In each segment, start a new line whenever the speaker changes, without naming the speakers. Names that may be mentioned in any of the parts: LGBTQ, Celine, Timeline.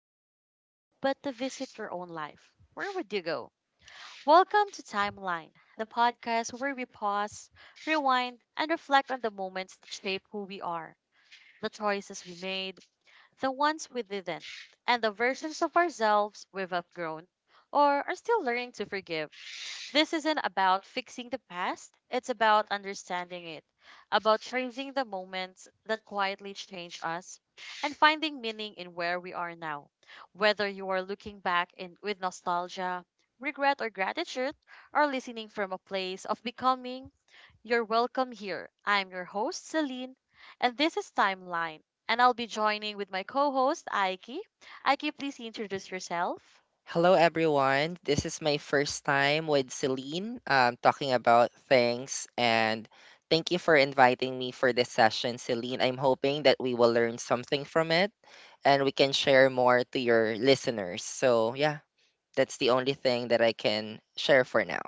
history, but to visit your own life, where would you go? Welcome to Timeline, the podcast where we pause, rewind, and reflect on the moments that shape who we are, the choices we made, the ones we didn't, and the versions of ourselves we've outgrown or are still learning to forgive. This isn't about fixing the past, it's about understanding it, about changing the moments that quietly change us, and finding meaning in where we are now. Whether you are looking back in, with nostalgia, regret, or gratitude, or listening from a place of becoming, you're welcome here. I'm your host, Celine, and this is Timeline. And I'll be joining with my co host, Aiki. Aiki, please introduce yourself.
Hello, everyone. This is my first time with Celine talking about things. And thank you for inviting me for this session, Celine. I'm hoping that we will learn something from it and we can share more to your listeners. So, yeah, that's the only thing that I can share for now.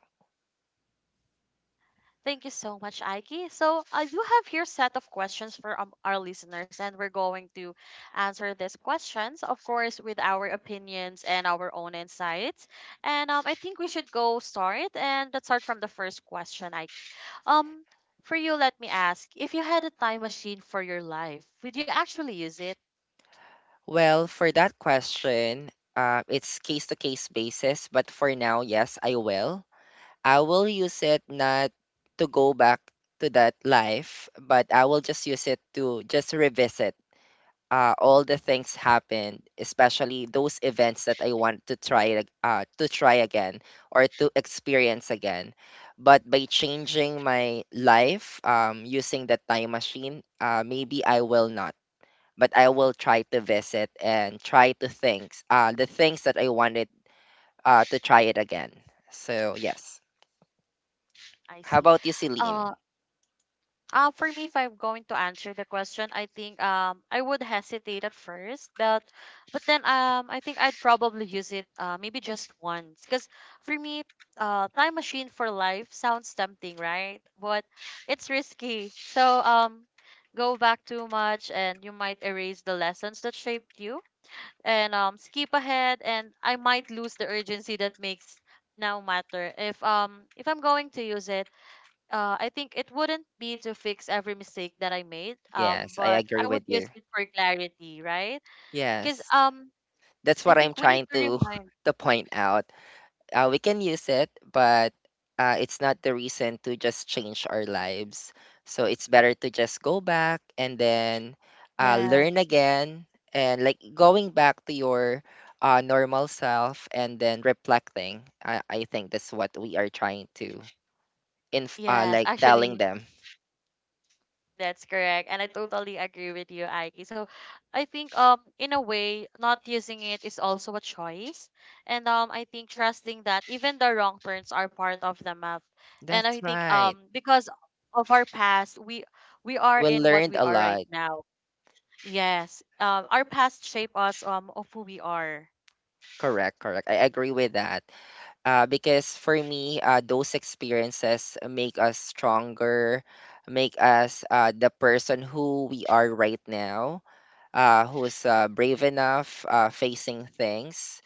Thank you so much, Aiki. So I do have here set of questions for our listeners, and we're going to answer these questions, of course, with our opinions and our own insights. And I think we should go start, and let's start from the first question, Aiki. Um, for you, let me ask: If you had a time machine for your life, would you actually use it?
Well, for that question, it's case to case basis. But for now, yes, I will. I will use it not to go back to that life, but I will just use it to just revisit all the things happened, especially those events that I want to try again or to experience again. But by changing my life using the time machine, maybe I will not. But I will try to visit and try to things the things that I wanted to try it again. So yes.
I
How
see.
about you, Celine?
Uh, for me, if I'm going to answer the question, I think I would hesitate at first, but then I think I'd probably use it maybe just once, because for me, time machine for life sounds tempting, right? But it's risky. So go back too much, and you might erase the lessons that shaped you, and skip ahead, and I might lose the urgency that makes now matter if I'm going to use it, I think it wouldn't be to fix every mistake that I made,
Yes, I
but
agree
I
with
would
you.
use it for clarity, right? Because
Yes. That's
I
what I'm
think we need
trying
to
to
remind.
to point out. We can use it, but it's not the reason to just change our lives. So it's better to just go back and then learn
Yes,
again and like going back to your normal self and then reflecting. I think that's what we are trying to
yes,
like telling
actually,
them.
that's correct, and I totally agree with you, Aiki. So, I think in a way, not using it is also a choice, and I think trusting that even the wrong turns are part of the map, and
That's
I think
right.
because of our past, we are
We
in what
learned
we
a
are right
lot.
now. Yes. Our past shape us of who we are.
Correct, correct. I agree with that. Because for me, those experiences make us stronger, make us the person who we are right now, who's brave enough facing things.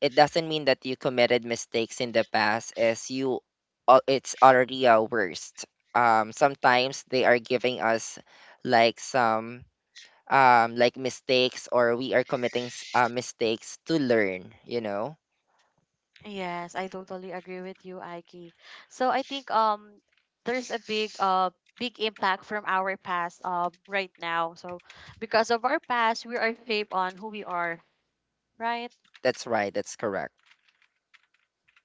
It doesn't mean that you committed mistakes in the past, it's already a worst. Sometimes they are giving us like some like mistakes, or we are committing mistakes to learn. You know,
Yes, I totally agree with you, Aiki. So I think there's a big big impact from our past right now. So because of our past, we are shaped on who we are, right?
that's right. That's correct.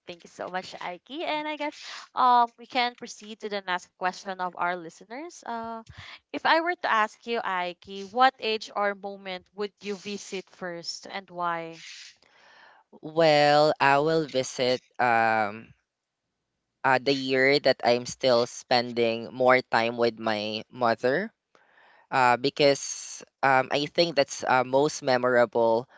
Thank you so much, Aiki. And I guess we can proceed to the next question of our listeners. If I were to ask you, Aiki, what age or moment would you visit first and why?
Well, I will visit the year that I'm still spending more time with my mother because I think that's a most memorable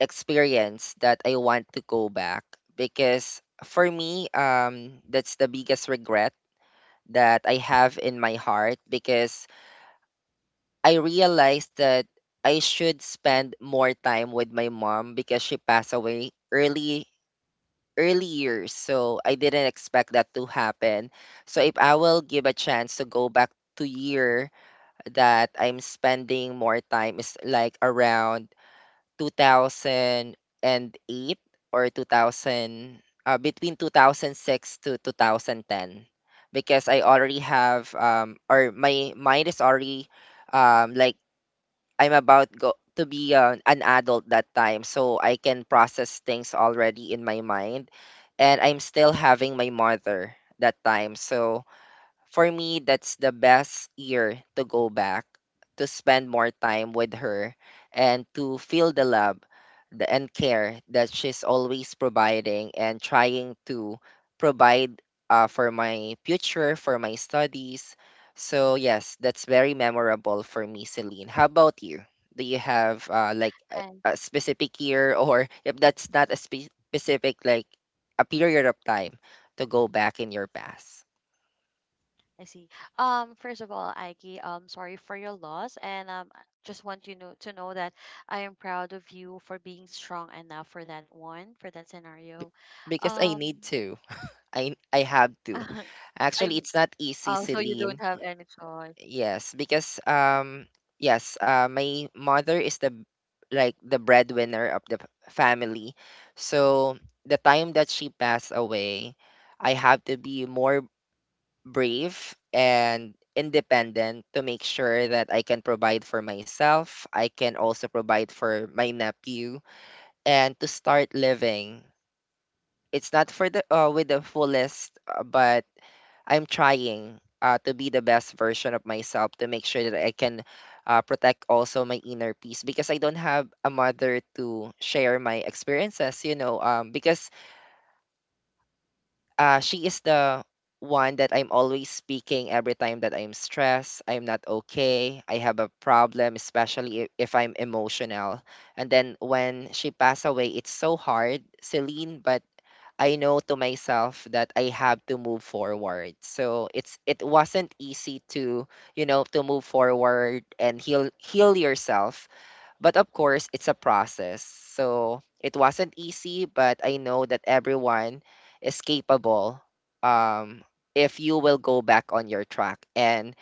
experience that I want to go back because for me that's the biggest regret that I have in my heart because I realized that I should spend more time with my mom because she passed away early early years, so I didn't expect that to happen. So if I will give a chance to go back to year that I'm spending more time is like around 2008 or 2000 between 2006 to 2010 because I already have, or my mind is already like I'm about go to be an adult that time, so I can process things already in my mind, and I'm still having my mother that time. So for me, that's the best year to go back, to spend more time with her, and to feel the love and care that she's always providing and trying to provide for my future, for my studies. So, yes, that's very memorable for me, Celine. How about you? Do you have a specific year, or if that's not a specific, like a period of time to go back in your past?
I see. First of all, Aiki, sorry for your loss, and I just want you know to know that I am proud of you for being strong enough for that one, for that scenario.
Because I need
Um,
to. I have to.
I
Actually,
mean,
it's not easy,
so you don't
Celine.
have any choice.
Yes, because yes, my mother is like the breadwinner of the family. So the time that she passed away, I have to be more brave and independent to make sure that I can provide for myself. I can also provide for my nephew and to start living. It's not for the with the fullest but I'm trying to be the best version of myself to make sure that I can protect also my inner peace because I don't have a mother to share my experiences, you know, because she is the one that I'm always speaking every time that I'm stressed, I'm not okay, I have a problem, especially if I'm emotional. And then when she passed away, it's so hard, Celine, but I know to myself that I have to move forward. So it wasn't easy to, you know, to move forward and heal yourself. But of course, it's a process. So it wasn't easy, but I know that everyone is capable um if you will go back on your track, and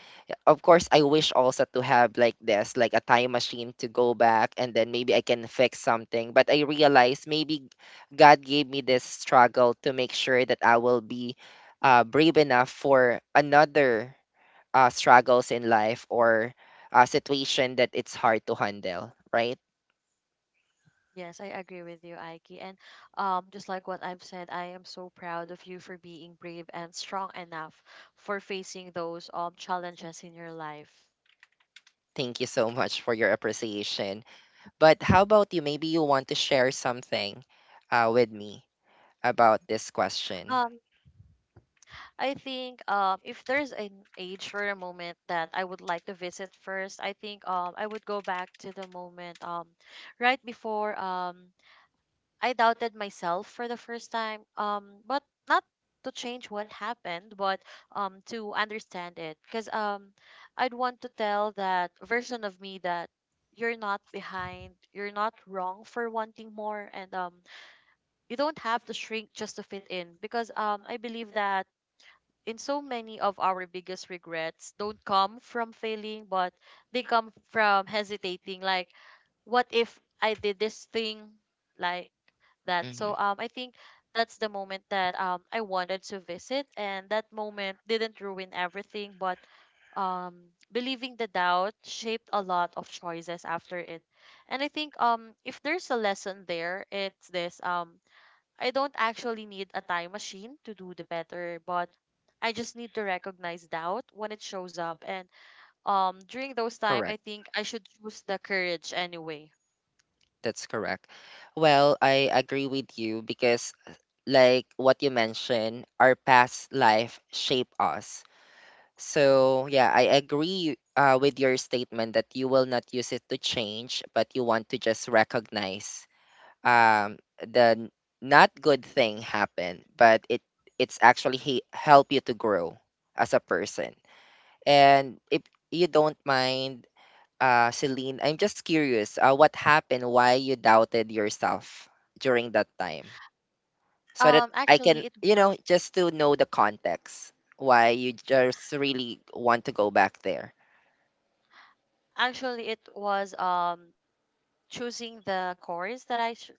of course I wish also to have like this like a time machine to go back and then maybe I can fix something, but I realized maybe God gave me this struggle to make sure that I will be brave enough for another struggles in life or a situation that it's hard to handle right.
Yes, I agree with you, Aiki. And just like what I've said, I am so proud of you for being brave and strong enough for facing those challenges in your life.
Thank you so much for your appreciation, but how about you, maybe you want to share something with me about this question.
Um, I think if there's an age for a moment that I would like to visit first, I think I would go back to the moment right before I doubted myself for the first time. Um, but not to change what happened, but to understand it. Cause I'd want to tell that version of me that you're not behind, you're not wrong for wanting more and you don't have to shrink just to fit in because I believe that in so many of our biggest regrets don't come from failing, but they come from hesitating. Like, what if I did this thing like that? So
Mhm.
I think that's the moment that I wanted to visit and that moment didn't ruin everything but um believing the doubt shaped a lot of choices after it. And I think if there's a lesson there it's this, I don't actually need a time machine to do the better, but I just need to recognize doubt when it shows up. And during those time, I
Correct.
think I should choose the courage anyway.
That's correct. Well, I agree with you because, like what you mentioned, our past life shape us. So, yeah, I agree with your statement that you will not use it to change, but you want to just recognize um, the n- not good thing happen, but it's actually help you to grow as a person. And if you don't mind, Celine, I'm just curious, what happened? Why you doubted yourself during that time? So that I can,
Actually,
you know, just to know the context, why you just really want to go back there.
it was choosing the course that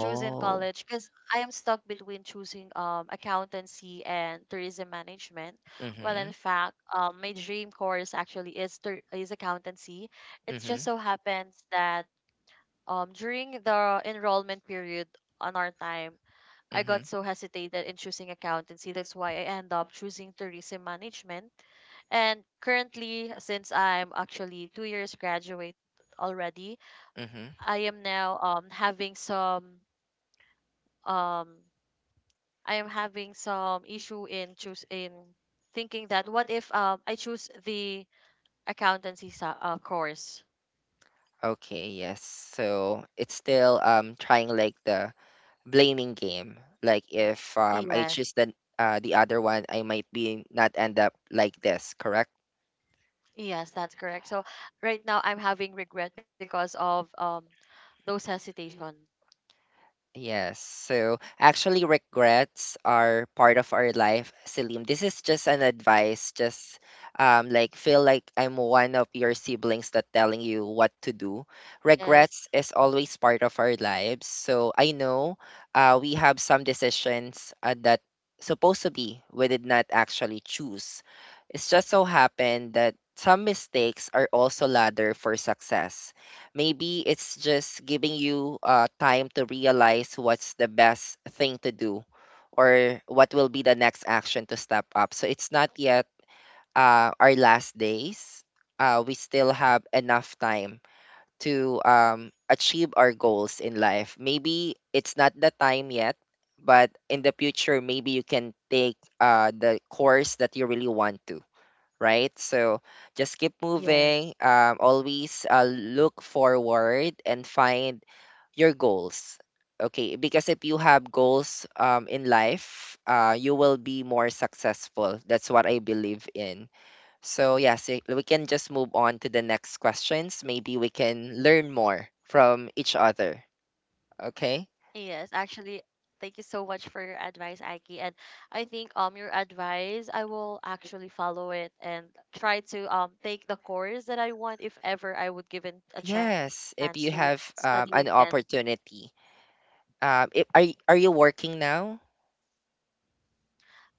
choose in college because I am stuck between choosing accountancy and tourism management. Well, in
Mhm.
fact, my dream course actually is is accountancy. It just
Mhm.
so happens that during the enrollment period on our time, I got
Mhm.
so hesitated in choosing accountancy, that's why I end up choosing tourism management. And currently, since I'm actually two years graduate already,
Mhm.
I am now having some um I am having some issue in choose in thinking that what if I choose the accountancy course.
Okay. Yes. So it's still trying like the blaming game. Like if I
Yes.
choose the other one, I might be not end up like this. Correct.
Yes, that's correct. So right now I'm having regret because of those hesitation.
Yes. So actually, regrets are part of our life, Selim. This is just an advice. Just like feel like I'm one of your siblings that telling you what to do.
Yes.
Regrets is always part of our lives. So I know we have some decisions that supposed to be we did not actually choose. It's just so happened that some mistakes are also ladder for success. Maybe it's just giving you time to realize what's the best thing to do or what will be the next action to step up. So it's not yet our last days. We still have enough time to achieve our goals in life. Maybe it's not the time yet, but in the future, maybe you can take the course that you really want to, right? So just keep
Yes.
moving. Always look forward and find your goals. Okay, because if you have goals in life, you will be more successful. That's what I believe in. So, yes, eh, we can just move on to the next questions. Maybe we can learn more from each other. Okay?
Yes. Actually, thank you so much for your advice, Aiki. And I think your advice I will actually follow it and try to take the course that I want if ever I would given a chance
Yes,
to
if you
study
have
again.
an opportunity. If, are, y- Are you working now?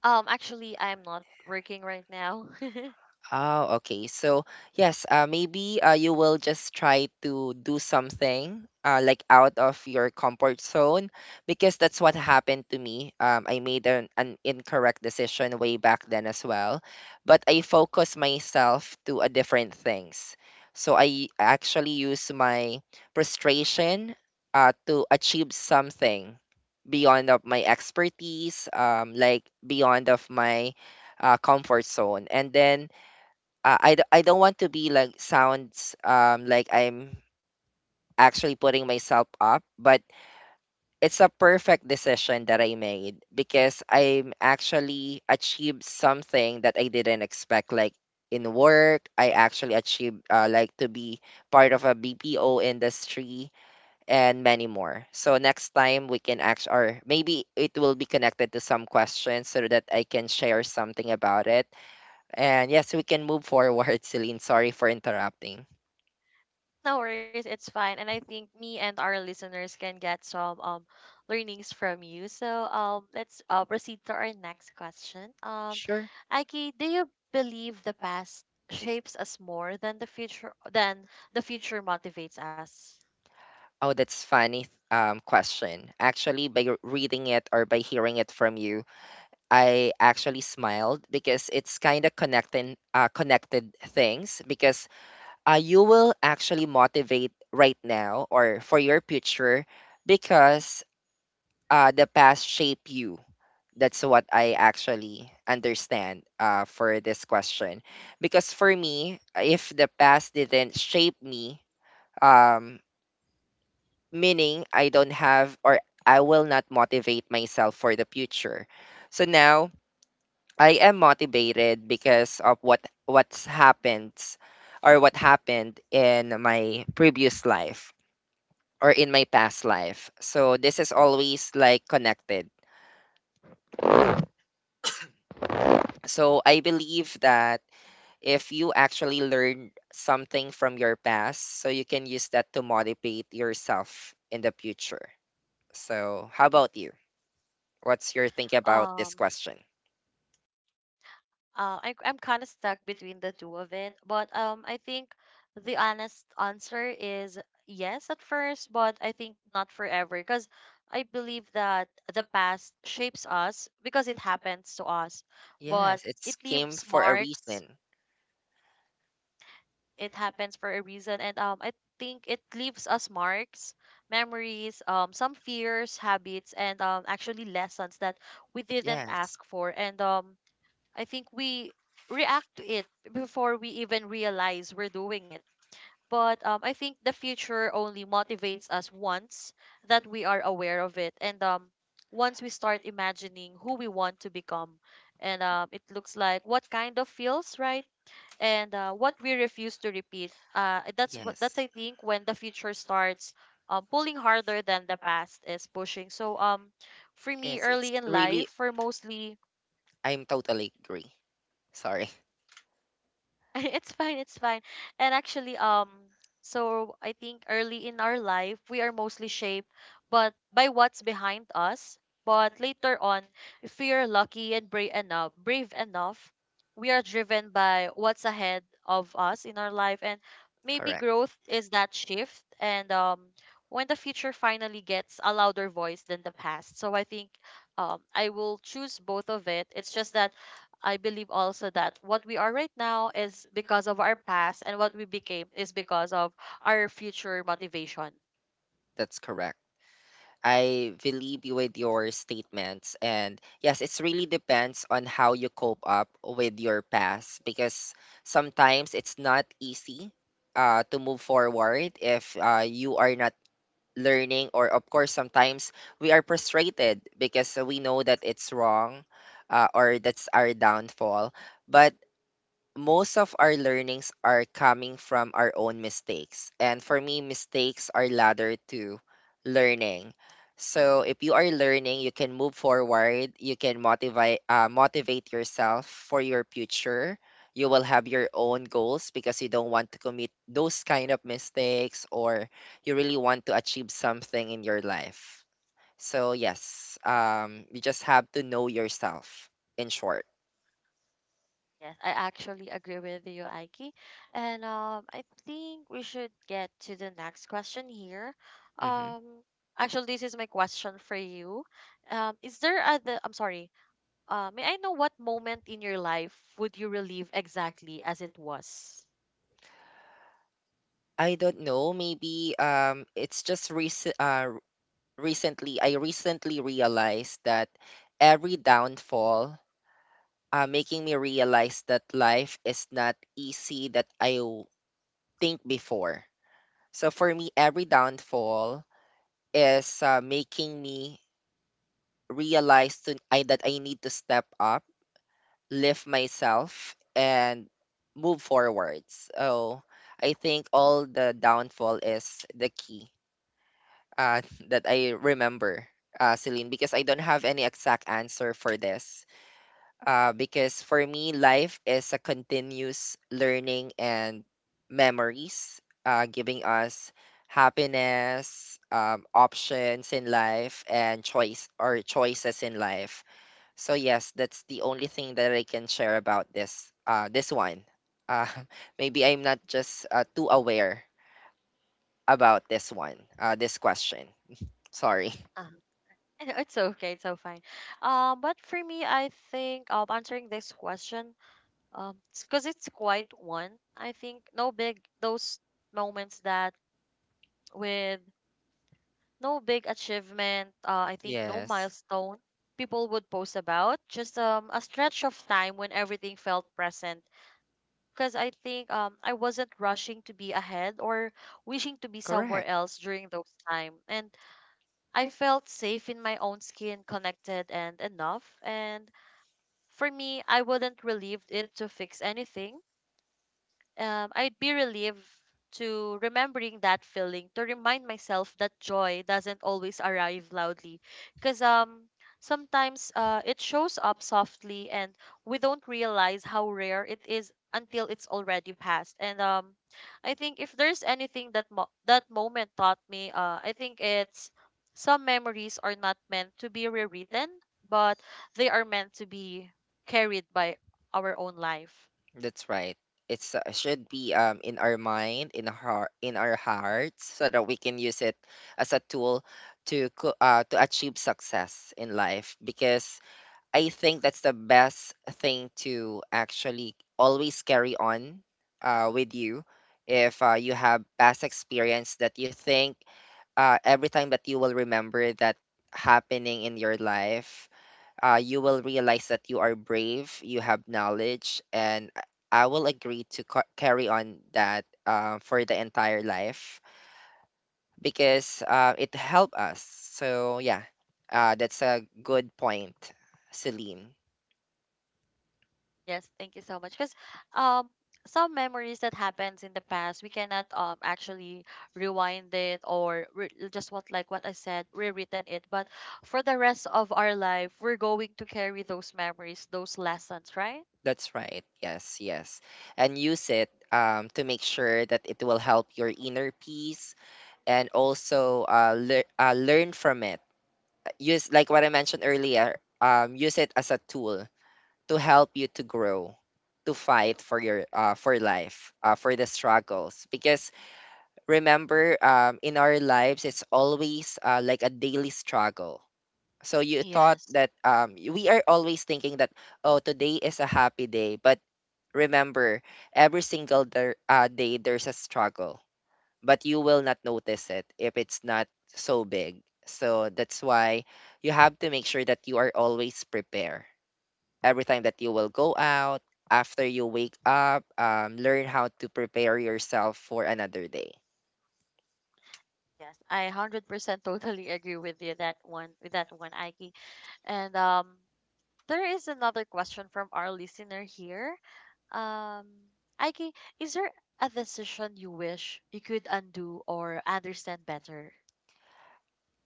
Um, actually, I am not working right now.
Oh, okay. So, yes, maybe you will just try to do something like out of your comfort zone because that's what happened to me. I made an incorrect decision way back then as well, but I focus myself to a different things. So I actually use my frustration to achieve something beyond of my expertise, like beyond of my comfort zone. And then I don't want to be like sounds like I'm actually putting myself up, but it's a perfect decision that I made because I'm actually achieved something that I didn't expect. Like in work, I actually achieved like to be part of a BPO industry and many more. So next time we can act, or maybe it will be connected to some questions so that I can share something about it, and yes, we can move forward, Celine. Sorry for interrupting.
No worries, it's fine. And I think me and our listeners can get some learnings from you. So let's proceed to our next question. Um,
Sure.
Aki, do you believe the past shapes us more than the future motivates us?
Oh, that's funny question. Actually, by reading it or by hearing it from you, I actually smiled because it's kind of connecting connected things because you will actually motivate right now or for your future because the past shape you, that's what I actually understand for this question. Because for me, if the past didn't shape me, um, meaning I don't have or I will not motivate myself for the future. So now I am motivated because of what what's happened or what happened in my previous life or in my past life. So this is always like connected. So I believe that if you actually learn something from your past so you can use that to motivate yourself in the future. So, how about you? What's your think about this
Um
question?
I'm kind of stuck between the two of it. But I think the honest answer is yes at first, but I think not forever because I believe that the past shapes us because it happens to us, but
Yes, it
it
came
leaves
for a
marks.
reason.
It happens for a reason, and I think it leaves us marks, memories, some fears, habits, and actually lessons that we didn't
Yes,
ask for, and I think we react to it before we even realize we're doing it. But I think the future only motivates us once that we are aware of it, and once we start imagining who we want to become, and it looks like what kind of feels right, and what we refuse to repeat. That's
yes,
I think when the future starts pulling harder than the past is pushing. So for me,
yes. It's
early in life,
really,
for mostly
I'm totally agree. Sorry,
it's fine, it's fine. And actually, so I think early in our life we are mostly shaped but by what's behind us. But later on, if we are lucky and brave enough, we are driven by what's ahead of us in our life and maybe
correct.
growth is that shift and when the future finally gets a louder voice than the past. So I think I will choose both of it. It's just that I believe also that what we are right now is because of our past, and what we became is because of our future motivation.
That's correct. I believe you with your statements. And yes, it's really depends on how you cope up with your past because sometimes it's not easy to move forward if you are not learning, or of course, sometimes we are frustrated because we know that it's wrong, or that's our downfall. But most of our learnings are coming from our own mistakes. And for me, mistakes are ladder to learning. So if you are learning, you can move forward, you can motivate yourself for your future. You will have your own goals because you don't want to commit those kind of mistakes or you really want to achieve something in your life. So yes, you just have to know yourself in short.
Yes, I actually agree with you, Aiki. And I think we should get to the next question here.
Mm-hmm.
Um, actually, this is my question for you. Is there other? I'm sorry. May I know what moment in your life would you relive exactly as it was?
I don't know. Maybe it's just recent. I recently realized that every downfall, making me realize that life is not easy that think before. So for me, every downfall is making me realize that I need to step up, lift myself, and move forwards. So I think all the downfall is the key, uh, that I remember, Celine, because I don't have any exact answer for this. Because for me, life is a continuous learning and memories, giving us happiness, options in life, and choice or choices in life. So yes, that's the only thing that I can share about this. This one. Uh, maybe I'm not just too aware about this one. This question. Sorry.
It's okay, it's so fine. But for me, I think answering this question, um, because it's quite one. I think no big those moments that with no big achievement, I think no
Yes,
milestone people would post about. Just a stretch of time when everything felt present. Because I think I wasn't rushing to be ahead or wishing to be somewhere
correct.
else during those time, and I felt safe in my own skin, connected and enough, and for me, I wouldn't relieve it to fix anything, I'd be relieved to remembering that feeling to remind myself that joy doesn't always arrive loudly because sometimes it shows up softly and we don't realize how rare it is until it's already past. And I think if there's anything that that moment taught me, I think it's some memories are not meant to be rewritten but they are meant to be carried by our own life.
That's right. It's, should be in our mind, in our heart, in our hearts, so that we can use it as a tool to achieve success in life. Because I think that's the best thing to actually always carry on with you. If you have past experience that you think, every time that you will remember that happening in your life, you will realize that you are brave, you have knowledge, and I will agree to carry on that for the entire life because it helped us. So, yeah, that's a good point, Celine.
Yes, thank you so much. Because um, some memories that happens in the past, we cannot actually rewind it or just what like what I said, rewritten it. But for the rest of our life, we're going to carry those memories, those lessons, right?
That's right. Yes, yes. And use it, to make sure that it will help your inner peace and also learn from it. Use, like what I mentioned earlier, use it as a tool to help you to grow, to fight for your for life, for the struggles. Because remember, in our lives, it's always like a daily struggle. So you thought
Yes.
that we are always thinking that, oh, today is a happy day, but remember, every single day there's a struggle, but you will not notice it if it's not so big. So that's why you have to make sure that you are always prepared every time that you will go out, after you wake up, learn how to prepare yourself for another day.
Yes, I 100% totally agree with you that one, Aiki. And there is another question from our listener here. Um, Aiki, is there a decision you wish you could undo or understand better?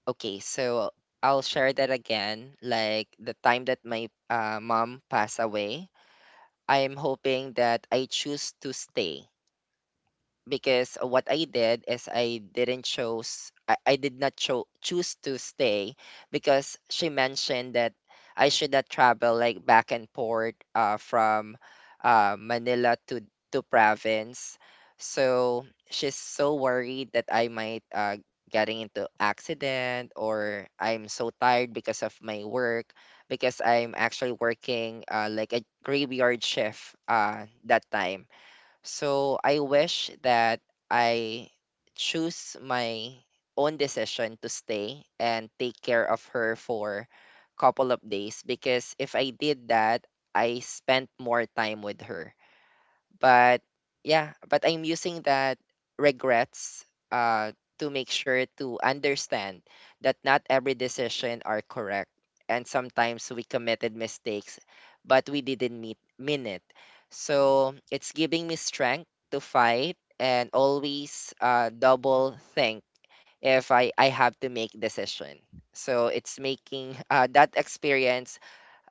Okay, so I'll share that again. Like the time that my mom passed away, I'm hoping that I choose to stay because what I did is I did not choose to stay because she mentioned that I should not travel like back and forth from Manila to province. So she's so worried that I might, getting into accident or I'm so tired because of my work because I'm actually working like a graveyard shift that time. So I wish that I choose my own decision to stay and take care of her for couple of days because if I did that, I spent more time with her. But yeah, but I'm using that regrets, uh, to make sure to understand that not every decision are correct. And sometimes we committed mistakes, but we didn't mean it. So it's giving me strength to fight and always double think if I have to make decision. So it's making that experience,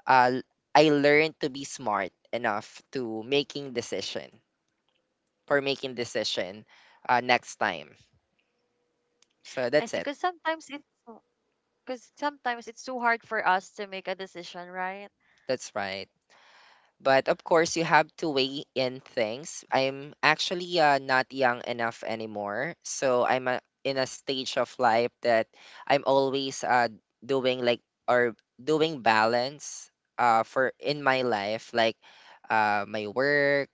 uh, I learned to be smart enough to making decision for making decision next time. So
I
that's
see,
it.
because sometimes it's too hard for us to make a decision, right?
That's right. But of course, you have to weigh in things. I'm actually not young enough anymore. So I'm in a stage of life that I'm always doing like or doing balance for in my life, like my work,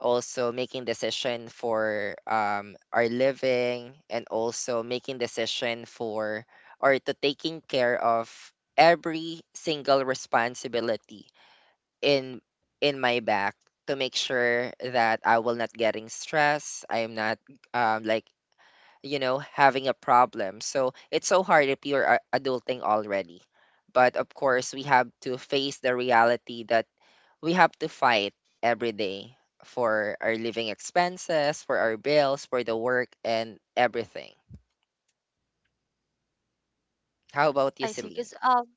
also making decision for our living, and also making decision for or to taking care of every single responsibility in my back to make sure that I will not getting stressed. I'm not like, you know, having a problem. So it's so hard if you're adulting already. But of course, we have to face the reality that we have to fight every day for our living expenses, for our bills, for the work, and everything. How about you,
I see,
Celine?
because um,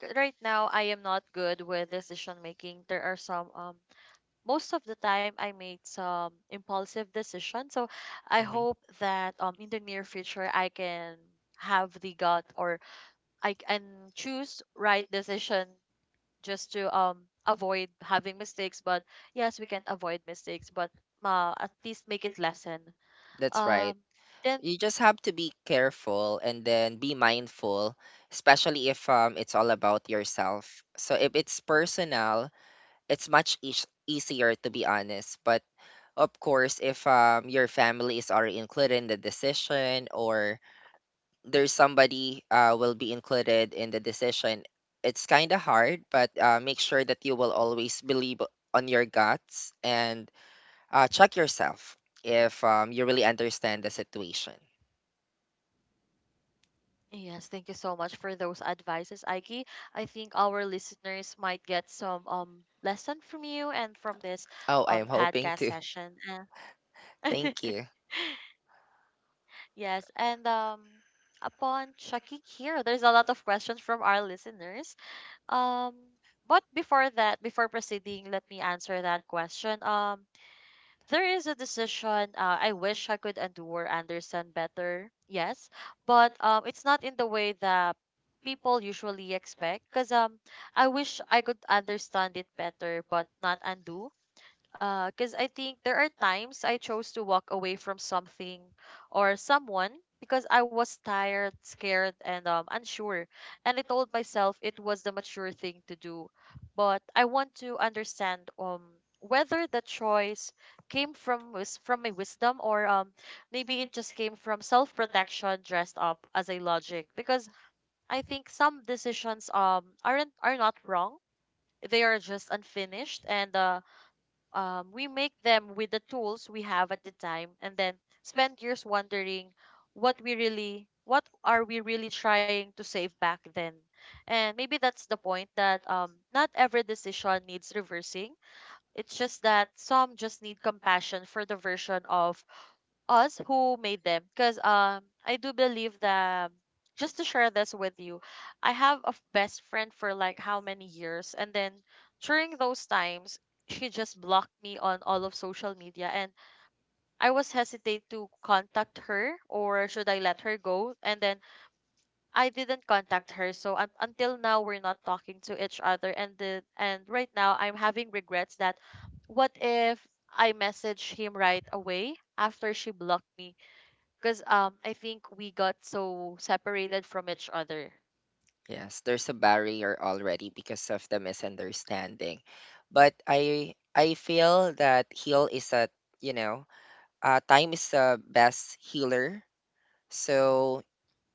c- right now I am not good with decision making. There are some most of the time I made some impulsive decisions. So I
Hmm.
hope that in the near future I can have the gut or I can choose right decision just to avoid having mistakes, but yes, we can avoid mistakes, but at least make it lesson,
That's right.
um then
You just have to be careful and then be mindful, especially if it's all about yourself, so if it's personal it's much easier, to be honest. But of course, if your family is already included in the decision, or there's somebody will be included in the decision, it's kind of hard. But make sure that you will always believe on your guts and check yourself if you really understand the situation.
yes, thank you so much for those advices, Aiki. I think our listeners might get some lesson from you and from this
Oh, I am hoping
podcast
to.
session.
Thank you.
Yes, and upon checking here, there's a lot of questions from our listeners. um but before that, before proceeding, let me answer that question. There is a decision I wish I could endure Anderson better. Yes, but it's not in the way that people usually expect. Cause I wish I could understand it better, but not undo. Because I think there are times I chose to walk away from something or someone because I was tired, scared, and unsure. And I told myself it was the mature thing to do. But I want to understand whether the choice came from my wisdom or maybe it just came from self protection dressed up as a logic. Because I think some decisions are not wrong. They are just unfinished, and we make them with the tools we have at the time and then spend years wondering what are we really trying to save back then. And maybe that's the point that not every decision needs reversing. It's just that some just need compassion for the version of us who made them, because I do believe that, just to share this with you, I have a best friend for like how many years, and then during those times she just blocked me on all of social media, and I was hesitate to contact her or should I let her go. And then I didn't contact her, so until now we're not talking to each other, and right now I'm having regrets that what if I message him right away after she blocked me, because I think we got so separated from each other.
Yes, there's a barrier already because of the misunderstanding. But I feel that heal is a, you know, time is the best healer. So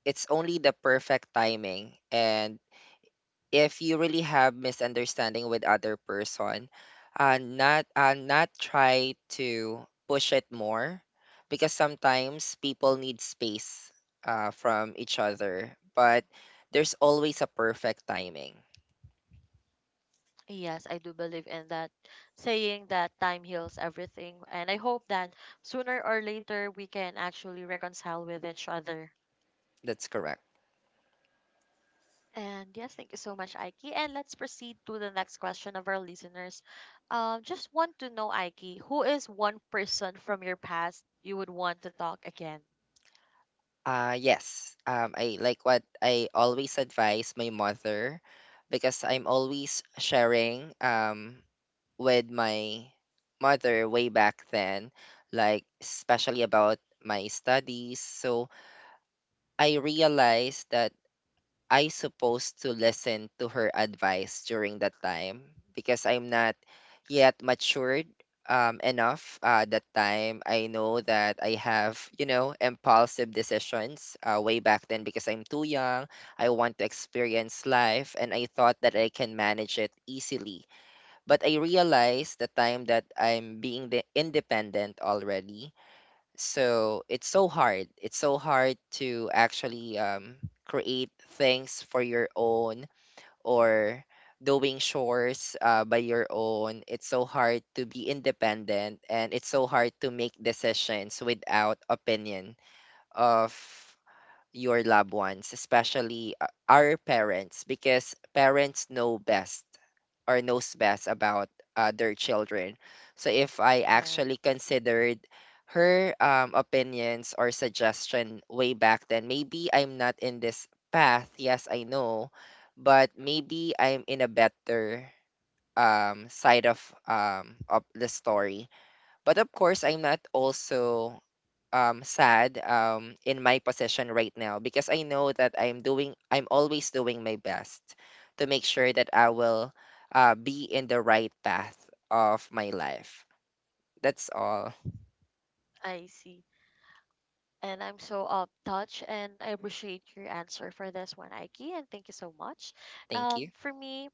it's only the perfect timing, and if you really have misunderstanding with other person, not try to push it more because sometimes people need space from each other, but there's always a perfect timing.
Yes, I do believe in that saying that time heals everything. And I hope that sooner or later we can actually reconcile with each other.
That's correct.
And yes, thank you so much, Aiki. And let's proceed to the next question of our listeners. Just want to know, Aiki, who is one person from your past you would want to talk again?
Yes, I like what I always advise my mother, because I'm always sharing with my mother way back then, like especially about my studies. So I realized that I supposed to listen to her advice during that time because I'm not yet matured enough that time. I know that I have, you know, impulsive decisions way back then because I'm too young. I want to experience life and I thought that I can manage it easily, but I realized the time that I'm being the independent already. So it's so hard. It's so hard to actually create things for your own or doing chores by your own. It's so hard to be independent and it's so hard to make decisions without opinion of your loved ones, especially our parents, because parents know best or knows best about their children. So if I
Yeah,
actually considered her opinions or suggestion way back then, maybe I'm not in this path. Yes, I know, but maybe I'm in a better side of the story. But of course, I'm not also sad in my position right now because I know that I'm always doing my best to make sure that I will be in the right path of my life. That's all.
I see. And I'm so touched, and I appreciate your answer for this one, Aiki, and thank you so much.
Thank you.
For me,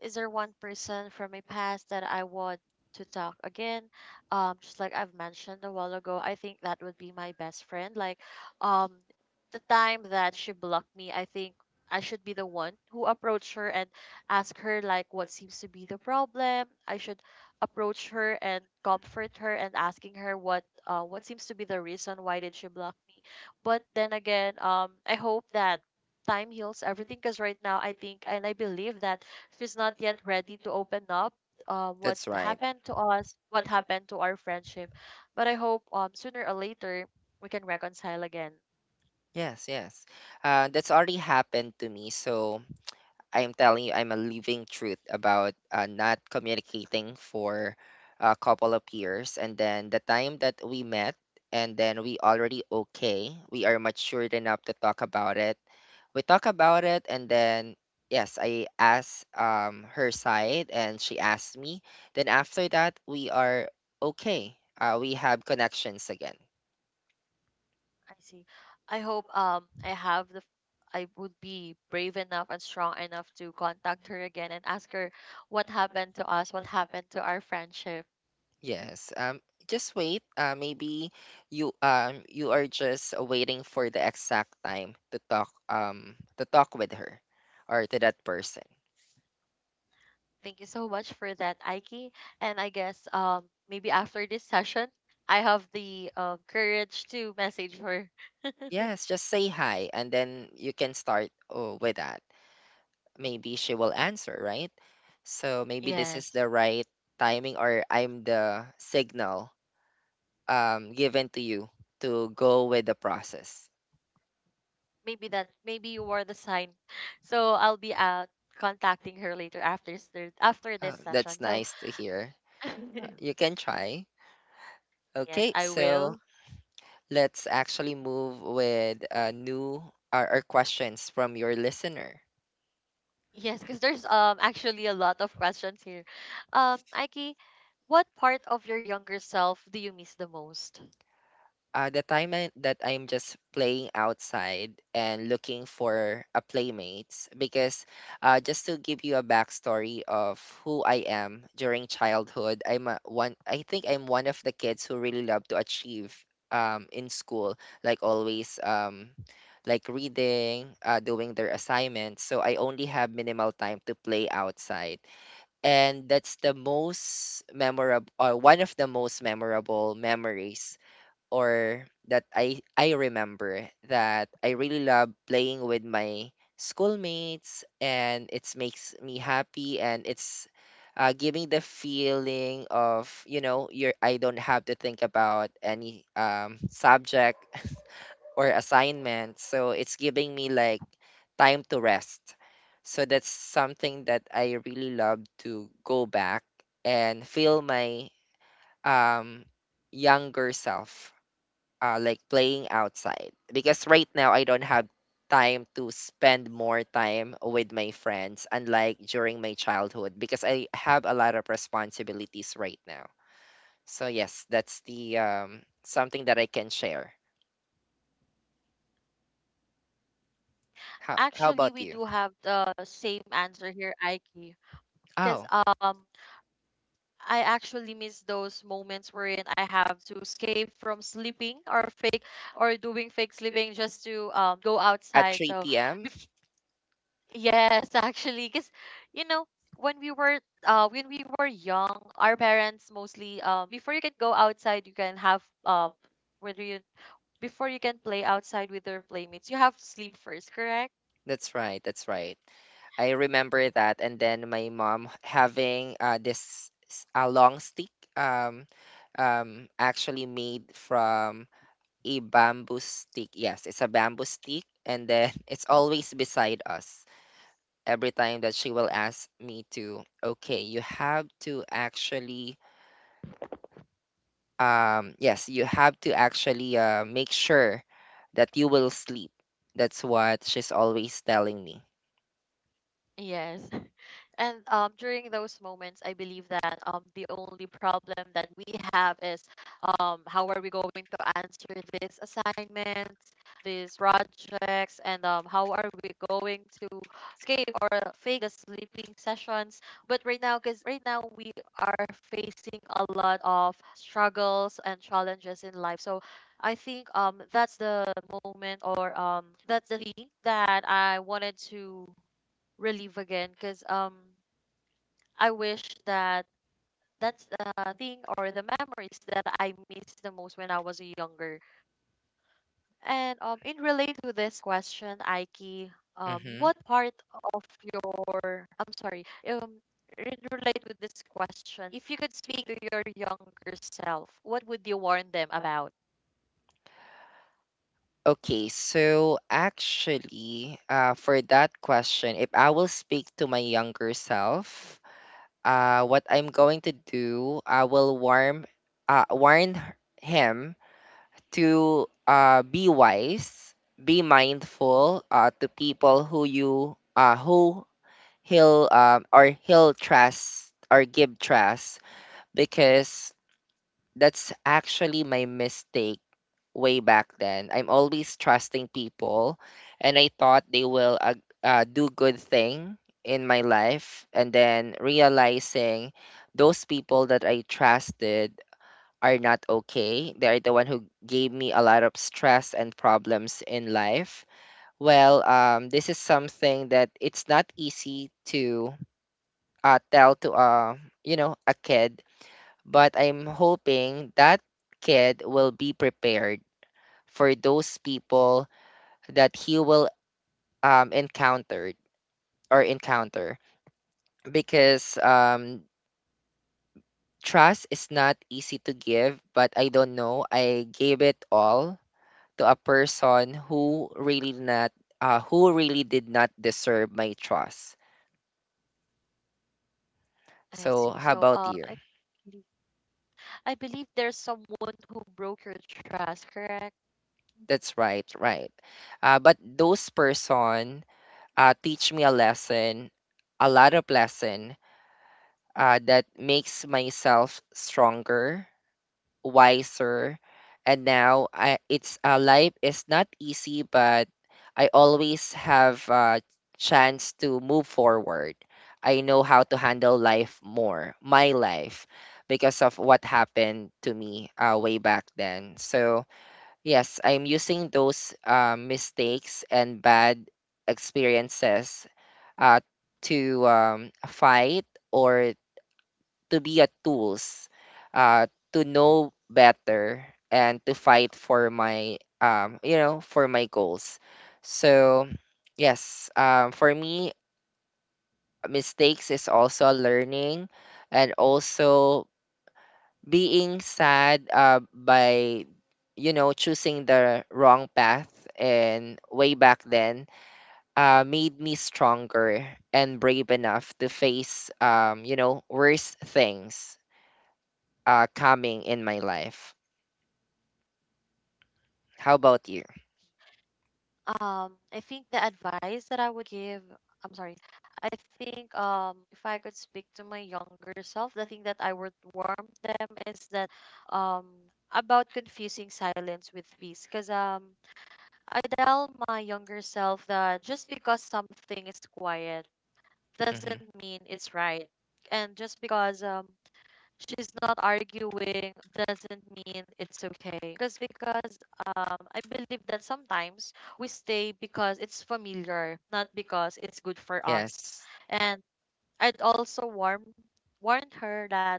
is there one person from my past that I want to talk again? Just like I've mentioned a while ago, I think that would be my best friend. Like, um, the time that she blocked me, I think I should be the one who approach her and ask her like what seems to be the problem. I should approach her and comfort her and asking her what seems to be the reason why did she block me. But then again, I hope that time heals everything, because right now I think and I believe that she's not yet ready to open up what
That's right.
happened to us, what happened to our friendship. But I hope sooner or later we can reconcile again.
Yes, yes. That's already happened to me. So I'm telling you, I'm a living truth about not communicating for a couple of years. And then the time that we met, and then we already okay, we are matured enough to talk about it. We talk about it, and then yes, I asked her side, and she asked me. Then after that, we are okay. We have connections again.
I see. I hope I have the I would be brave enough and strong enough to contact her again and ask her what happened to us, what happened to our friendship.
Yes. Just wait. Maybe you are just waiting for the exact time to talk with her or to that person.
Thank you so much for that, Aiki. And I guess maybe after this session, I have the courage to message her.
Yes, just say hi and then you can start, oh, with that. Maybe she will answer, right? So maybe this is
Yes.
the right timing, or I'm the signal given to you to go with the process.
Maybe that maybe you were the sign. So I'll be out contacting her later after after this
That's
session. So
nice to hear. You can try.
yes,
Okay,
I
so
will.
let's actually move with new or questions from your listener.
Yes, because there's actually a lot of questions here. Aiki, what part of your younger self do you miss the most?
The time that I'm just playing outside and looking for a playmates because, just to give you a backstory of who I am during childhood, one. I think I'm one of the kids who really love to achieve in school, like always, like reading, doing their assignments. So I only have minimal time to play outside, and that's the most memorable or one of the most memorable memories or that I remember that I really love playing with my schoolmates and it makes me happy and it's giving the feeling of, you know, you're, I don't have to think about any subject or assignments. So it's giving me like time to rest. So that's something that I really love to go back and feel my um younger self like playing outside because right now I don't have time to spend more time with my friends unlike during my childhood because I have a lot of responsibilities right now. So yes, that's the something that I can share. How
Actually,
about
we
you?
do have the same answer here, Aiki. Because
Oh.
I actually miss those moments wherein I have to escape from sleeping or fake or doing fake sleeping just to go
At
outside. So
3 p.m.
bef- yes, actually, because you know when we were when we were young, our parents mostly before you can go outside, you can have whether you before you can play outside with your playmates, you have to sleep first, correct?
That's right. That's right. I remember that. And then my mom having this a long stick um actually made from a bamboo stick. Yes, it's a bamboo stick, and then it's always beside us. Every time that she will ask me to, okay, you have to actually, yes, you have to actually make sure that you will sleep. That's what she's always telling me.
Yes. And during those moments, I believe that the only problem that we have is how are we going to answer these assignments, these projects, and how are we going to escape or fake the sleeping sessions. But right now, because right now we are facing a lot of struggles and challenges in life. So I think that's the moment or that's the thing that I wanted to relieve again, because I wish that that's the thing or the memories that I miss the most when I was younger. And in relate to this question, Aiki,
Mhm.
what part of your I'm sorry, in relate with this question, if you could speak to your younger self, what would you warn them about?
Okay, so actually, for that question, if I will speak to my younger self, what I'm going to do, I will warn him to, be wise, be mindful to people who you who he'll or he'll trust or give trust, because that's actually my mistake way back then. I'm always trusting people, and I thought they will, do good thing in my life, and then realizing those people that I trusted are not okay. They're the one who gave me a lot of stress and problems in life. Well, this is something that it's not easy to, tell to a, you know, a kid, but I'm hoping that kid will be prepared for those people that he will, encounter or encounter, because trust is not easy to give, but I don't know. I gave it all to a person who really not, who really did not deserve my trust.
I
So
see.
how
So
about you?
I believe- I believe there's someone who broke your trust, correct?
That's right, right. But those person, teach me a lesson, a lot of lesson, that makes myself stronger, wiser. And now I, it's life is not easy, but I always have a chance to move forward. I know how to handle life more, my life, because of what happened to me way back then. So, yes, I'm using those mistakes and bad experiences, uh, to, fight or to be a tools, uh, to know better and to fight for my, you know, for my goals. So yes, for me, mistakes is also a learning, and also being sad by, you know, choosing the wrong path, and way back then made me stronger and brave enough to face, you know, worse things calming in my life. How about you?
I think the advice that I would give, I'm sorry, I think if I could speak to my younger self, the thing that I would warn them is that um, about confusing silence with peace. Because I tell my younger self that just because something is quiet
hmm
doesn't mean it's right. And just because she's not arguing doesn't mean it's okay. Because I believe that sometimes we stay because it's familiar, not because it's good for us.
Yes.
And I'd also warn warned her that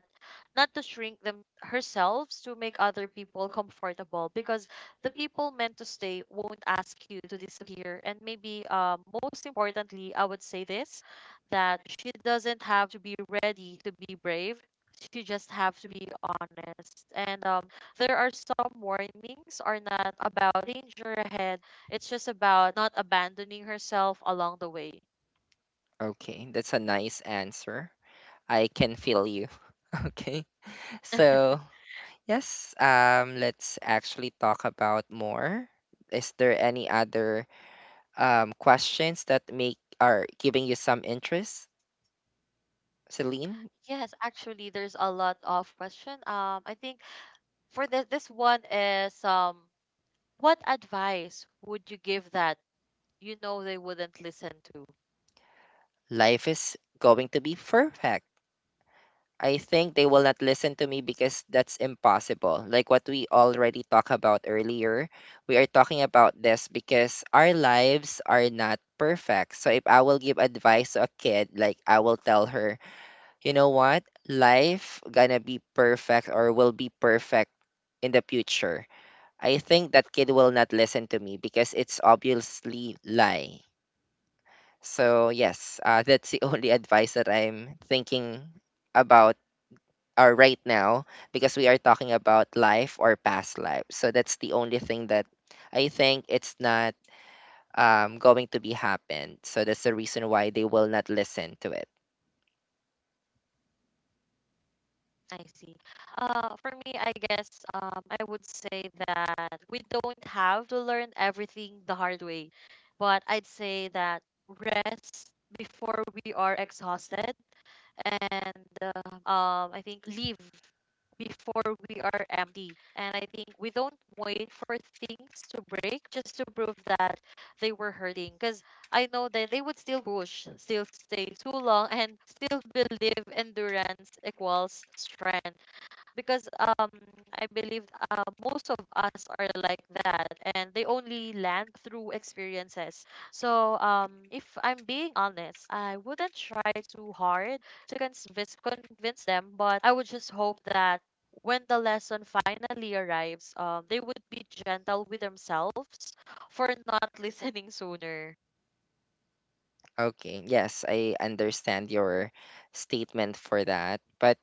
not to shrink them herself to make other people comfortable, because the people meant to stay won't ask you to disappear. And maybe most importantly, I would say this, that she doesn't have to be ready to be brave, she just have to be honest. And there are some warnings are not about danger ahead, it's just about not abandoning herself along the way.
Okay, that's a nice answer. I can feel you. Okay. So, yes, let's actually talk about more. Is there any other questions that make are giving you some interest, Celine?
Yes, actually, there's a lot of question. I think for this, this one is what advice would you give that you know they wouldn't listen to?
Life is going to be perfect. I think they will not listen to me because that's impossible. Like what we already talked about earlier, we are talking about this because our lives are not perfect. So if I will give advice to a kid, like I will tell her, you know what? Life gonna be perfect or will be perfect in the future. I think that kid will not listen to me because it's obviously lie. So yes, that's the only advice that I'm thinking about, or right now, because we are talking about life or past life. So that's the only thing that I think it's not, going to be happened. So that's the reason why they will not listen to it.
I see. For me, I guess I would say that we don't have to learn everything the hard way, but I'd say that rest before we are exhausted, and I think leave before we are empty. And I think we don't wait for things to break just to prove that they were hurting. Because I know that they would still push, still stay too long, and still believe endurance equals strength, because I believe most of us are like that, and they only land through experiences. So if I'm being honest, I wouldn't try too hard to convince them, but I would just hope that when the lesson finally arrives, they would be gentle with themselves for not listening sooner.
Okay. Yes, I understand your statement for that. But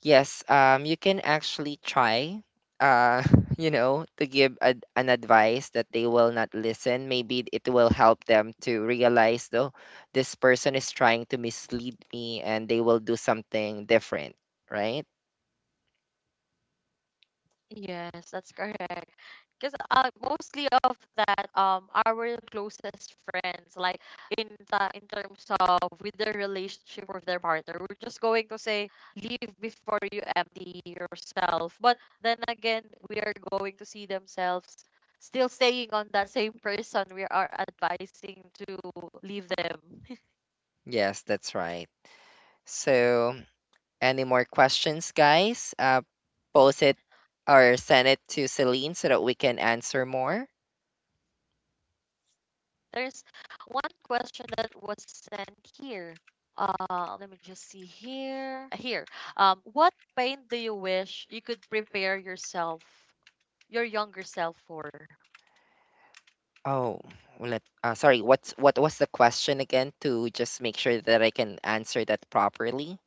yes, you can actually try, uh, you know, to give a, an advice that they will not listen. Maybe it will help them to realize, though, this person is trying to mislead me and they will do something different, right?
Yes, that's correct. Because mostly of that, our closest friends, like in the in terms of with their relationship with their partner, we're just going to say leave before you empty yourself. But then again, we are going to see themselves still staying on that same person we are advising to leave them.
Yes, that's right. So, any more questions, guys? Post it or send it to Celine so that we can answer more.
There's one question that was sent here. Let me just see here. Here. What pain do you wish you could prepare yourself, your younger self for?
Oh, let sorry, what was the question again to just make sure that I can answer that properly?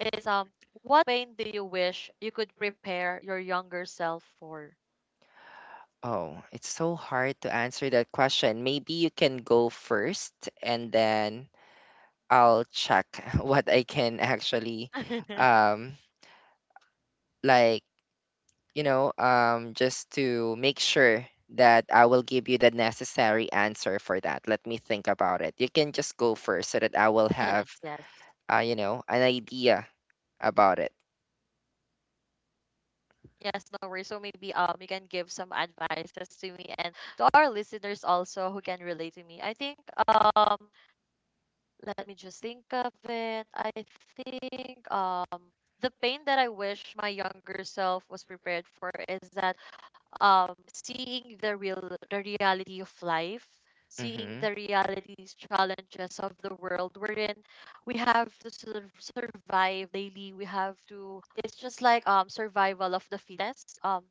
It's what pain do you wish you could prepare your younger self for?
Oh, it's so hard to answer that question. Maybe you can go first, and then I'll check what I can actually, um like, you know, just to make sure that I will give you the necessary answer for that. Let me think about it. You can just go first so that I will have,
Yes, yes.
you know, an idea about it.
Yes, no worries. So maybe you can give some advices to me and to our listeners also who can relate to me. I think um let me just think of it. I think the pain that I wish my younger self was prepared for is that seeing the real the reality of life, seeing
Mm-hmm.
the realities challenges of the world wherein we have to survive daily. We have to it's just like survival of the fittest.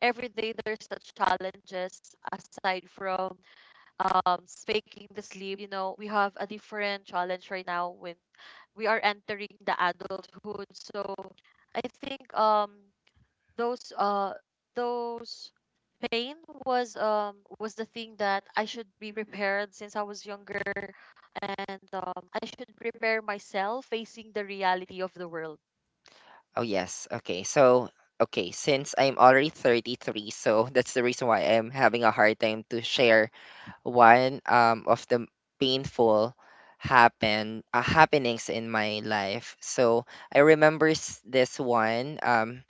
Every day there's such challenges aside from speaking the sleep we have a different challenge right now when we are entering the adulthood. So I think those those pain was the thing that I should be prepared since I was younger. And I should prepare myself facing the reality of the world.
Oh yes. Okay. So okay, since I'm already 33, so that's the reason why I'm having a hard time to share one of the painful happenings in my life. So I remember this one.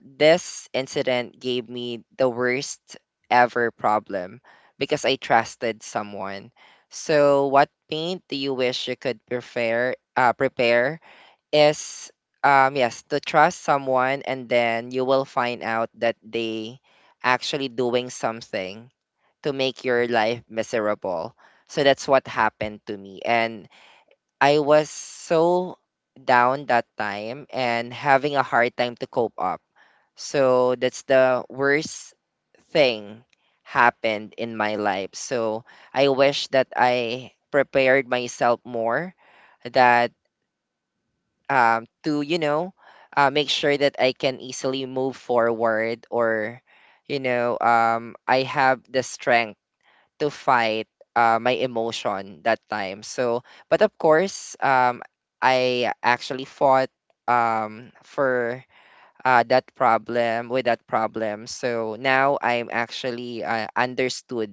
This incident gave me the worst ever problem because I trusted someone. So what paint do you wish you could prepare? Prepare is, yes, to trust someone and then you will find out that they actually doing something to make your life miserable. So that's what happened to me, and I was so down that time and having a hard time to cope up. So that's the worst thing happened in my life. So I wish that I prepared myself more, that, to, you know, make sure that I can easily move forward, or, you know, I have the strength to fight my emotion that time. So, but of course, I actually fought, for, that problem, with that problem. So now I'm actually understood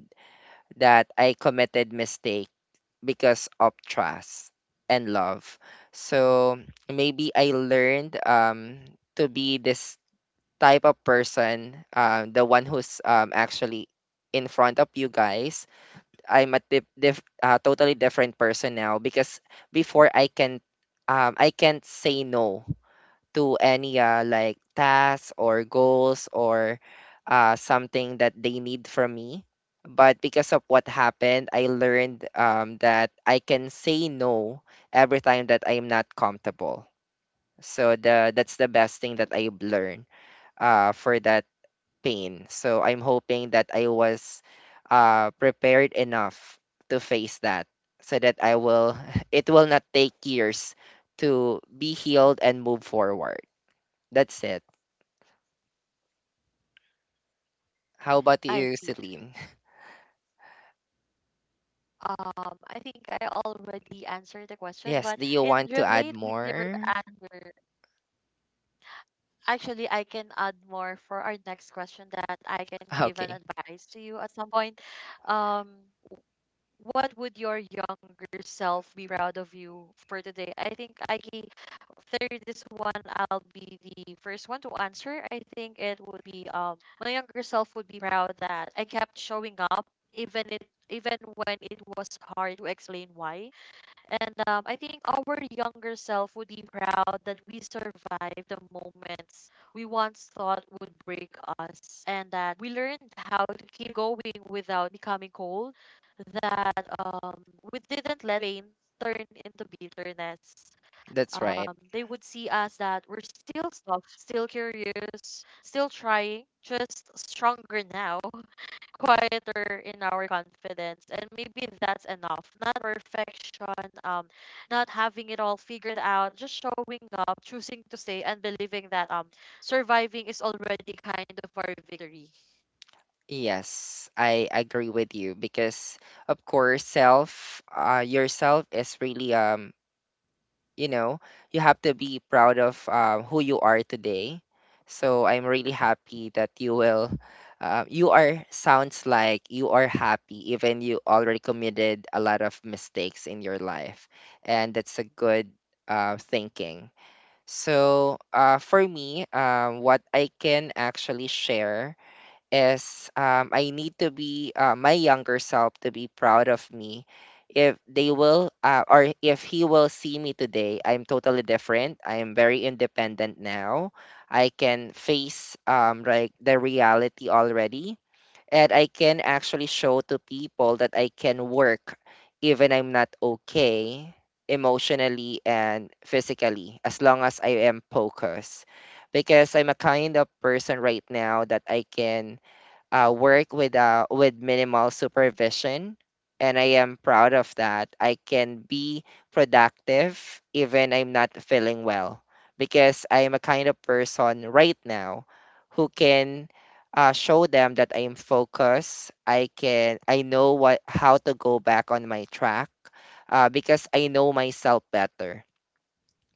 that I committed mistake because of trust and love. So maybe I learned, to be this type of person, the one who's, actually in front of you guys. I'm a totally different person now, because before I can, I can't say no to any, like tasks or goals, or something that they need from me. But because of what happened, I learned, that I can say no every time that I'm not comfortable. So the that's the best thing that I've learned, for that pain. So I'm hoping that I was, prepared enough to face that, so that I will it will not take years to be healed and move forward. That's it. How about
I
you,
see.
Celine?
I think I already answered the question,
Yes,
but
do you
in
want to add
relate with your
more?
answer. Actually, I can add more for our next question that I can give an
Okay,
advice to you at some point. Um, what would your younger self be proud of you for today? I think I can there this one, I'll be the first one to answer. I think it would be, my younger self would be proud that I kept showing up even when it was hard to explain why. And I think our younger self would be proud that we survived the moments we once thought would break us, and that we learned how to keep going without becoming cold, that we didn't let pain turn into bitterness.
that's right.
They would see us that we're still soft, still curious, still trying, just stronger now. Quieter in our confidence, and maybe that's enough, not perfection, not having it all figured out, just showing up, choosing to stay, and believing that surviving is already kind of our victory.
Yes, I agree with you, because of course self yourself is really, you know, you have to be proud of who you are today. So I'm really happy that you will, you are sounds like you are happy even you already committed a lot of mistakes in your life, and that's a good thinking. So, for me, what I can actually share is, I need to be, my younger self to be proud of me. If they will, or if he will see me today, I'm totally different. I am very independent now. I can face, like the reality already, and I can actually show to people that I can work even I'm not okay emotionally and physically, as long as I am focused, because I'm a kind of person right now that I can, work with, with minimal supervision, and I am proud of that. I can be productive even I'm not feeling well, because I am a kind of person right now who can, show them that I am focused. I know what how to go back on my track, because I know myself better.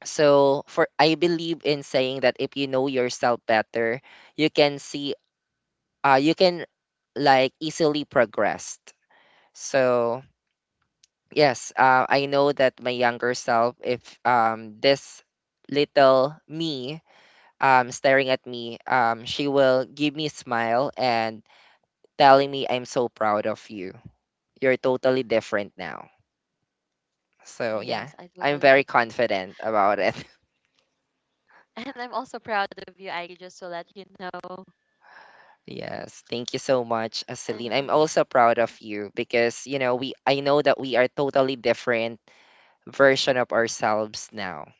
So for I believe in saying that if you know yourself better, you can see, you can like easily progress. So yes, I know that my younger self, if, this little me, staring at me, she will give me smile and telling me I'm so proud of you. You're totally different now. So
Yes,
yeah,
I
I'm
totally
very
agree.
confident about it.
And I'm also proud of you, I just to let you know.
Yes, thank you so much, Celine. I'm also proud of you because you know we I know that we are totally different version of ourselves now.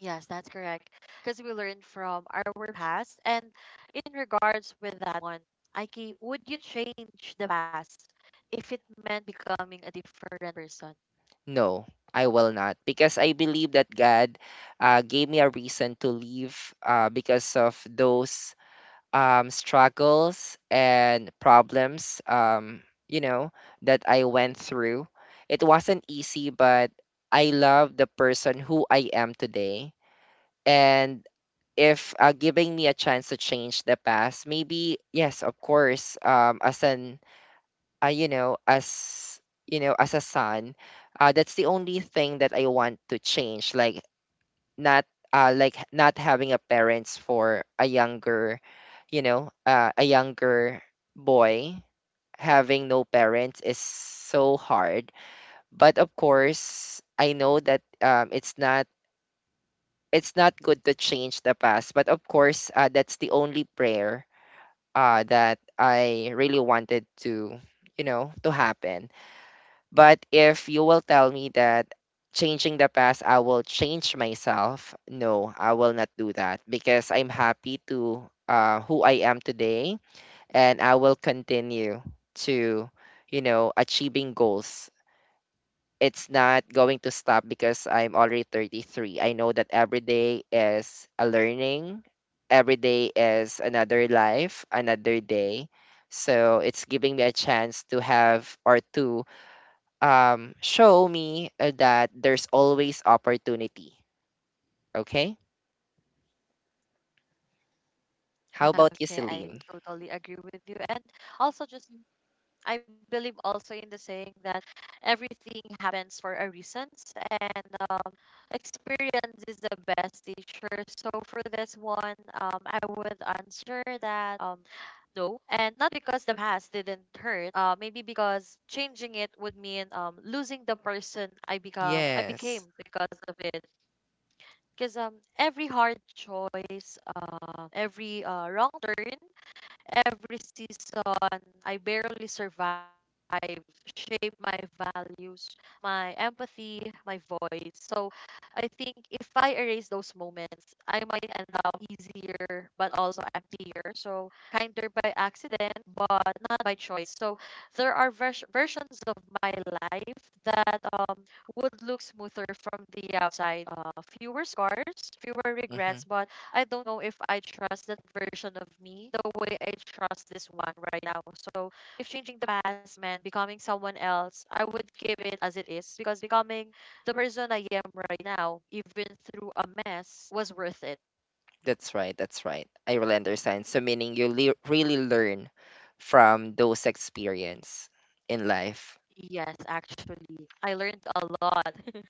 Yes, that's correct. Because we learn from our past. And in regards with that one, Aiki, would you change the past if it meant becoming a different person?
No, I will not, because I believe that God, gave me a reason to leave, because of those, struggles and problems, you know, that I went through. It wasn't easy, but I love the person who I am today. And if, giving me a chance to change the past, maybe, yes, of course, as an, uh, you know, as you know, as a son, that's the only thing that I want to change. Like not, like not having a parents for a younger, you know, a younger boy having no parents is so hard. But of course, I know that, it's not, it's not good to change the past. But of course, that's the only prayer, that I really wanted to, you know, to happen. But if you will tell me that changing the past, I will change myself, no, I will not do that because I'm happy to, who I am today, and I will continue to, you know, achieving goals. It's not going to stop because I'm already 33. I know that every day is a learning, every day is another life, another day. So it's giving me a chance to have or to, show me that there's always opportunity. Okay? How
Ah,
about you,
okay, I
Celine?
totally agree with you. And also just I believe also in the saying that everything happens for a reason, and experience is the best teacher. So for this one, I would answer that, no, and not because the past didn't hurt. Maybe because changing it would mean losing the person I become, I
Yes.
became because of it. Because every hard choice, every wrong turn, every season I barely survived, shaped my values, my empathy, my voice. So I think if I erase those moments, I might end up easier but also emptier. So kinder by accident, but not by choice. So there are versions of my life that would look smoother from the outside. Fewer scars, fewer
hmm
regrets, but I don't know if I trust that version of me the way I trust this one right now. So if changing the past meant becoming someone else, I would keep it as it is, because becoming the person I am right now, even through a mess, was worth it.
That's right. That's right. I really understand. So, meaning you really learn from those experience in life.
Yes, actually, I learned a lot.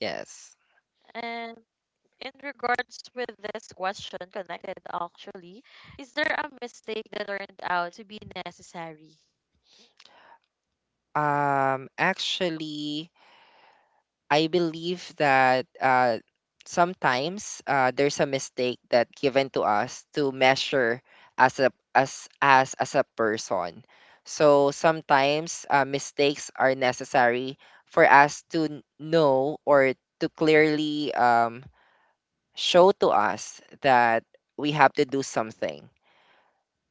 Yes.
And in regards with this question, connected actually, is there a mistake that turned out to be necessary?
Actually, I believe that, sometimes, there's a mistake that given to us to measure as a as a person. So sometimes, mistakes are necessary for us to know, or to clearly, show to us that we have to do something.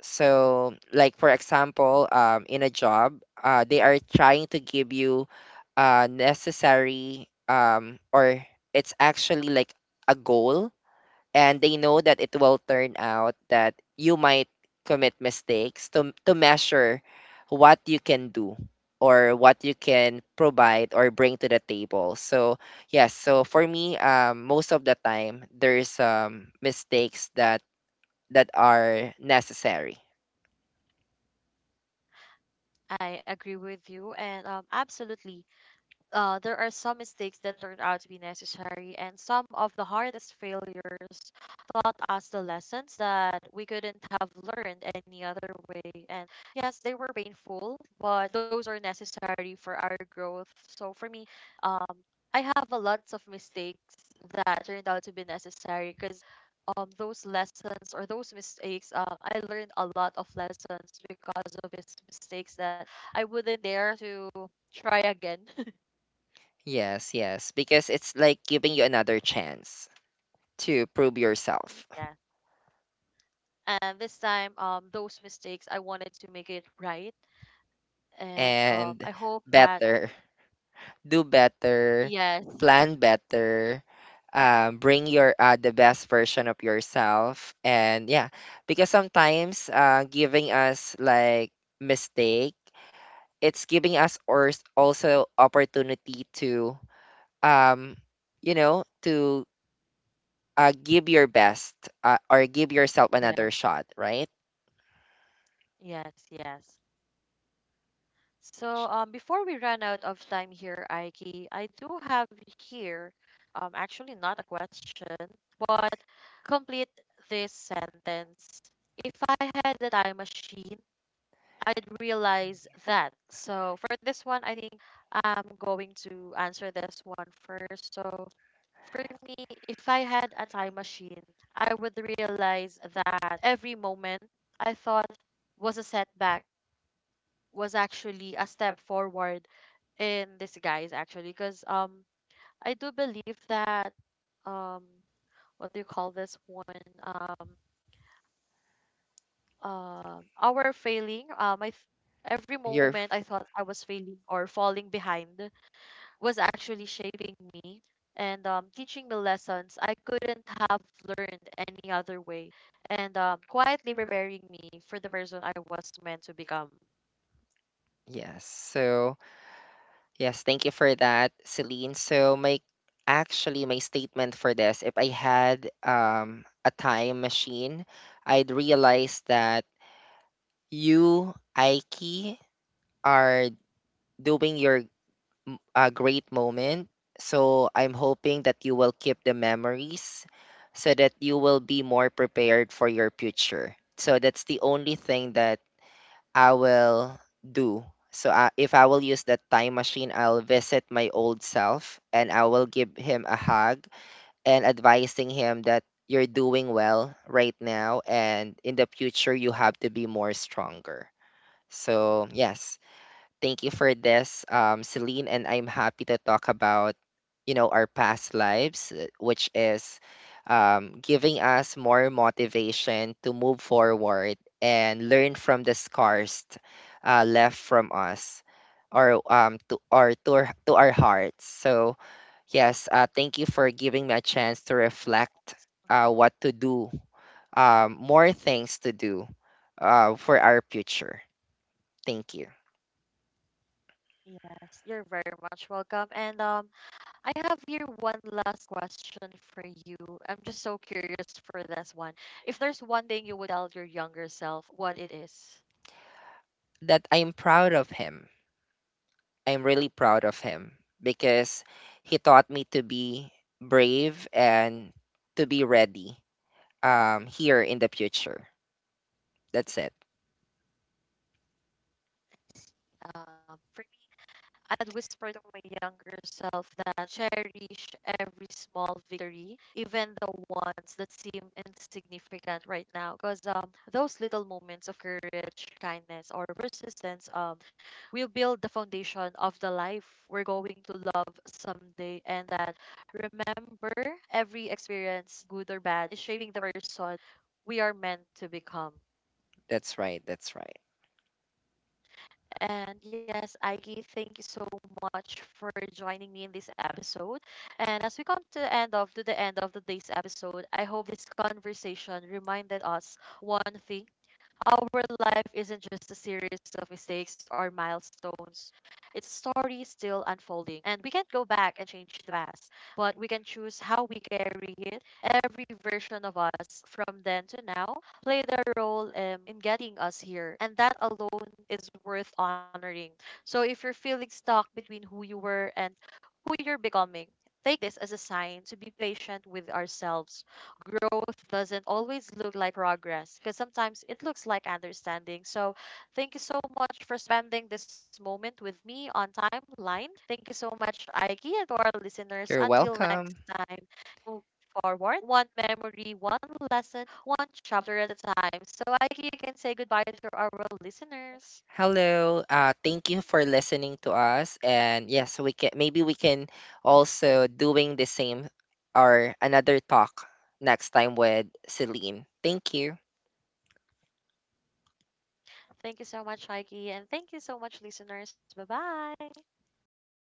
So, like for example, in a job, they are trying to give you, necessary or it's actually like a goal, and they know that it will turn out that you might commit mistakes to measure what you can do or what you can provide or bring to the table. So yes, so for me, most of the time there's, mistakes that that are necessary.
I agree with you, and absolutely, there are some mistakes that turned out to be necessary, and some of the hardest failures taught us the lessons that we couldn't have learned any other way. And yes, they were painful, but those are necessary for our growth. So for me, um, I have a lots of mistakes that turned out to be necessary because those lessons or those mistakes, I learned a lot of lessons because of these mistakes that I wouldn't dare to try again.
Yes, yes, because it's like giving you another chance to prove yourself,
Yeah. And this time, those mistakes, I wanted to make it right. And
and
I hope that,
better, do better,
yes,
plan better, bring your, the best version of yourself, and yeah, because sometimes, giving us like mistake, it's giving us or also opportunity to, um, you know, to, give your best, or give yourself another
yes,
shot, right?
yes. So before we run out of time here, Aiki, I do have here, actually not a question, but complete this sentence. If I had a time machine, I'd realize that. So for this one, I think I'm going to answer this one first. So for me, if I had a time machine, I would realize that every moment I thought was a setback was actually a step forward in disguise, actually. Because I do believe that um, what do you call this one? Our failing. Every
Your
moment I thought I was failing or falling behind was actually shaping me, and teaching me lessons I couldn't have learned any other way, and quietly preparing me for the person I was meant to become.
yes. So, yes, thank you for that, Celine. So, my actually my statement for this, if I had a time machine, I'd realize that you, Aiki, are doing your great moment. So, I'm hoping that you will keep the memories so that you will be more prepared for your future. So, that's the only thing that I will do. So I, if I will use that time machine, I'll visit my old self and I will give him a hug, and advising him that you're doing well right now and in the future you have to be more stronger. So, yes. Thank you for this, Celine. And I'm happy to talk about, you know, our past lives, which is, giving us more motivation to move forward and learn from the scars left from us, or to our hearts. So yes, thank you for giving me a chance to reflect, what to do, more things to do, for our future. Thank you.
Yes, you're very much welcome. And I have here one last question for you. I'm just so curious for this one. If there's one thing you would tell your younger self, what it is?
That I'm proud of him. I'm really proud of him because he taught me to be brave and to be ready, here in the future. That's it.
Um, I'd whisper to my younger self that cherish every small victory, even the ones that seem insignificant right now. Because those little moments of courage, kindness, or persistence will build the foundation of the life we're going to love someday. And that, remember, every experience, good or bad, is shaping the person we are meant to become.
That's right. That's right.
And yes, Aiki, thank you so much for joining me in this episode. And as we come to the end of to the end of today's episode, I hope this conversation reminded us one thing. Our life isn't just a series of mistakes or milestones. It's a story still unfolding, and we can't go back and change the past, but we can choose how we carry it. Every version of us from then to now played a role in getting us here, and that alone is worth honoring. So if you're feeling stuck between who you were and who you're becoming, take this as a sign to be patient with ourselves. Growth doesn't always look like progress, because sometimes it looks like understanding. So, thank you so much for spending this moment with me on Timeline. Thank you so much, Aiki, and to our listeners.
You're
Until next
welcome.
time, move forward one memory, one lesson, one chapter at a time. So, Aiki, you can say goodbye to our listeners.
Hello. Thank you for listening to us. And yes, we can maybe we can also doing the same or another talk next time with Celine. Thank you.
Thank you so much, Aiki, and thank you so much, listeners. Bye bye.
Bye.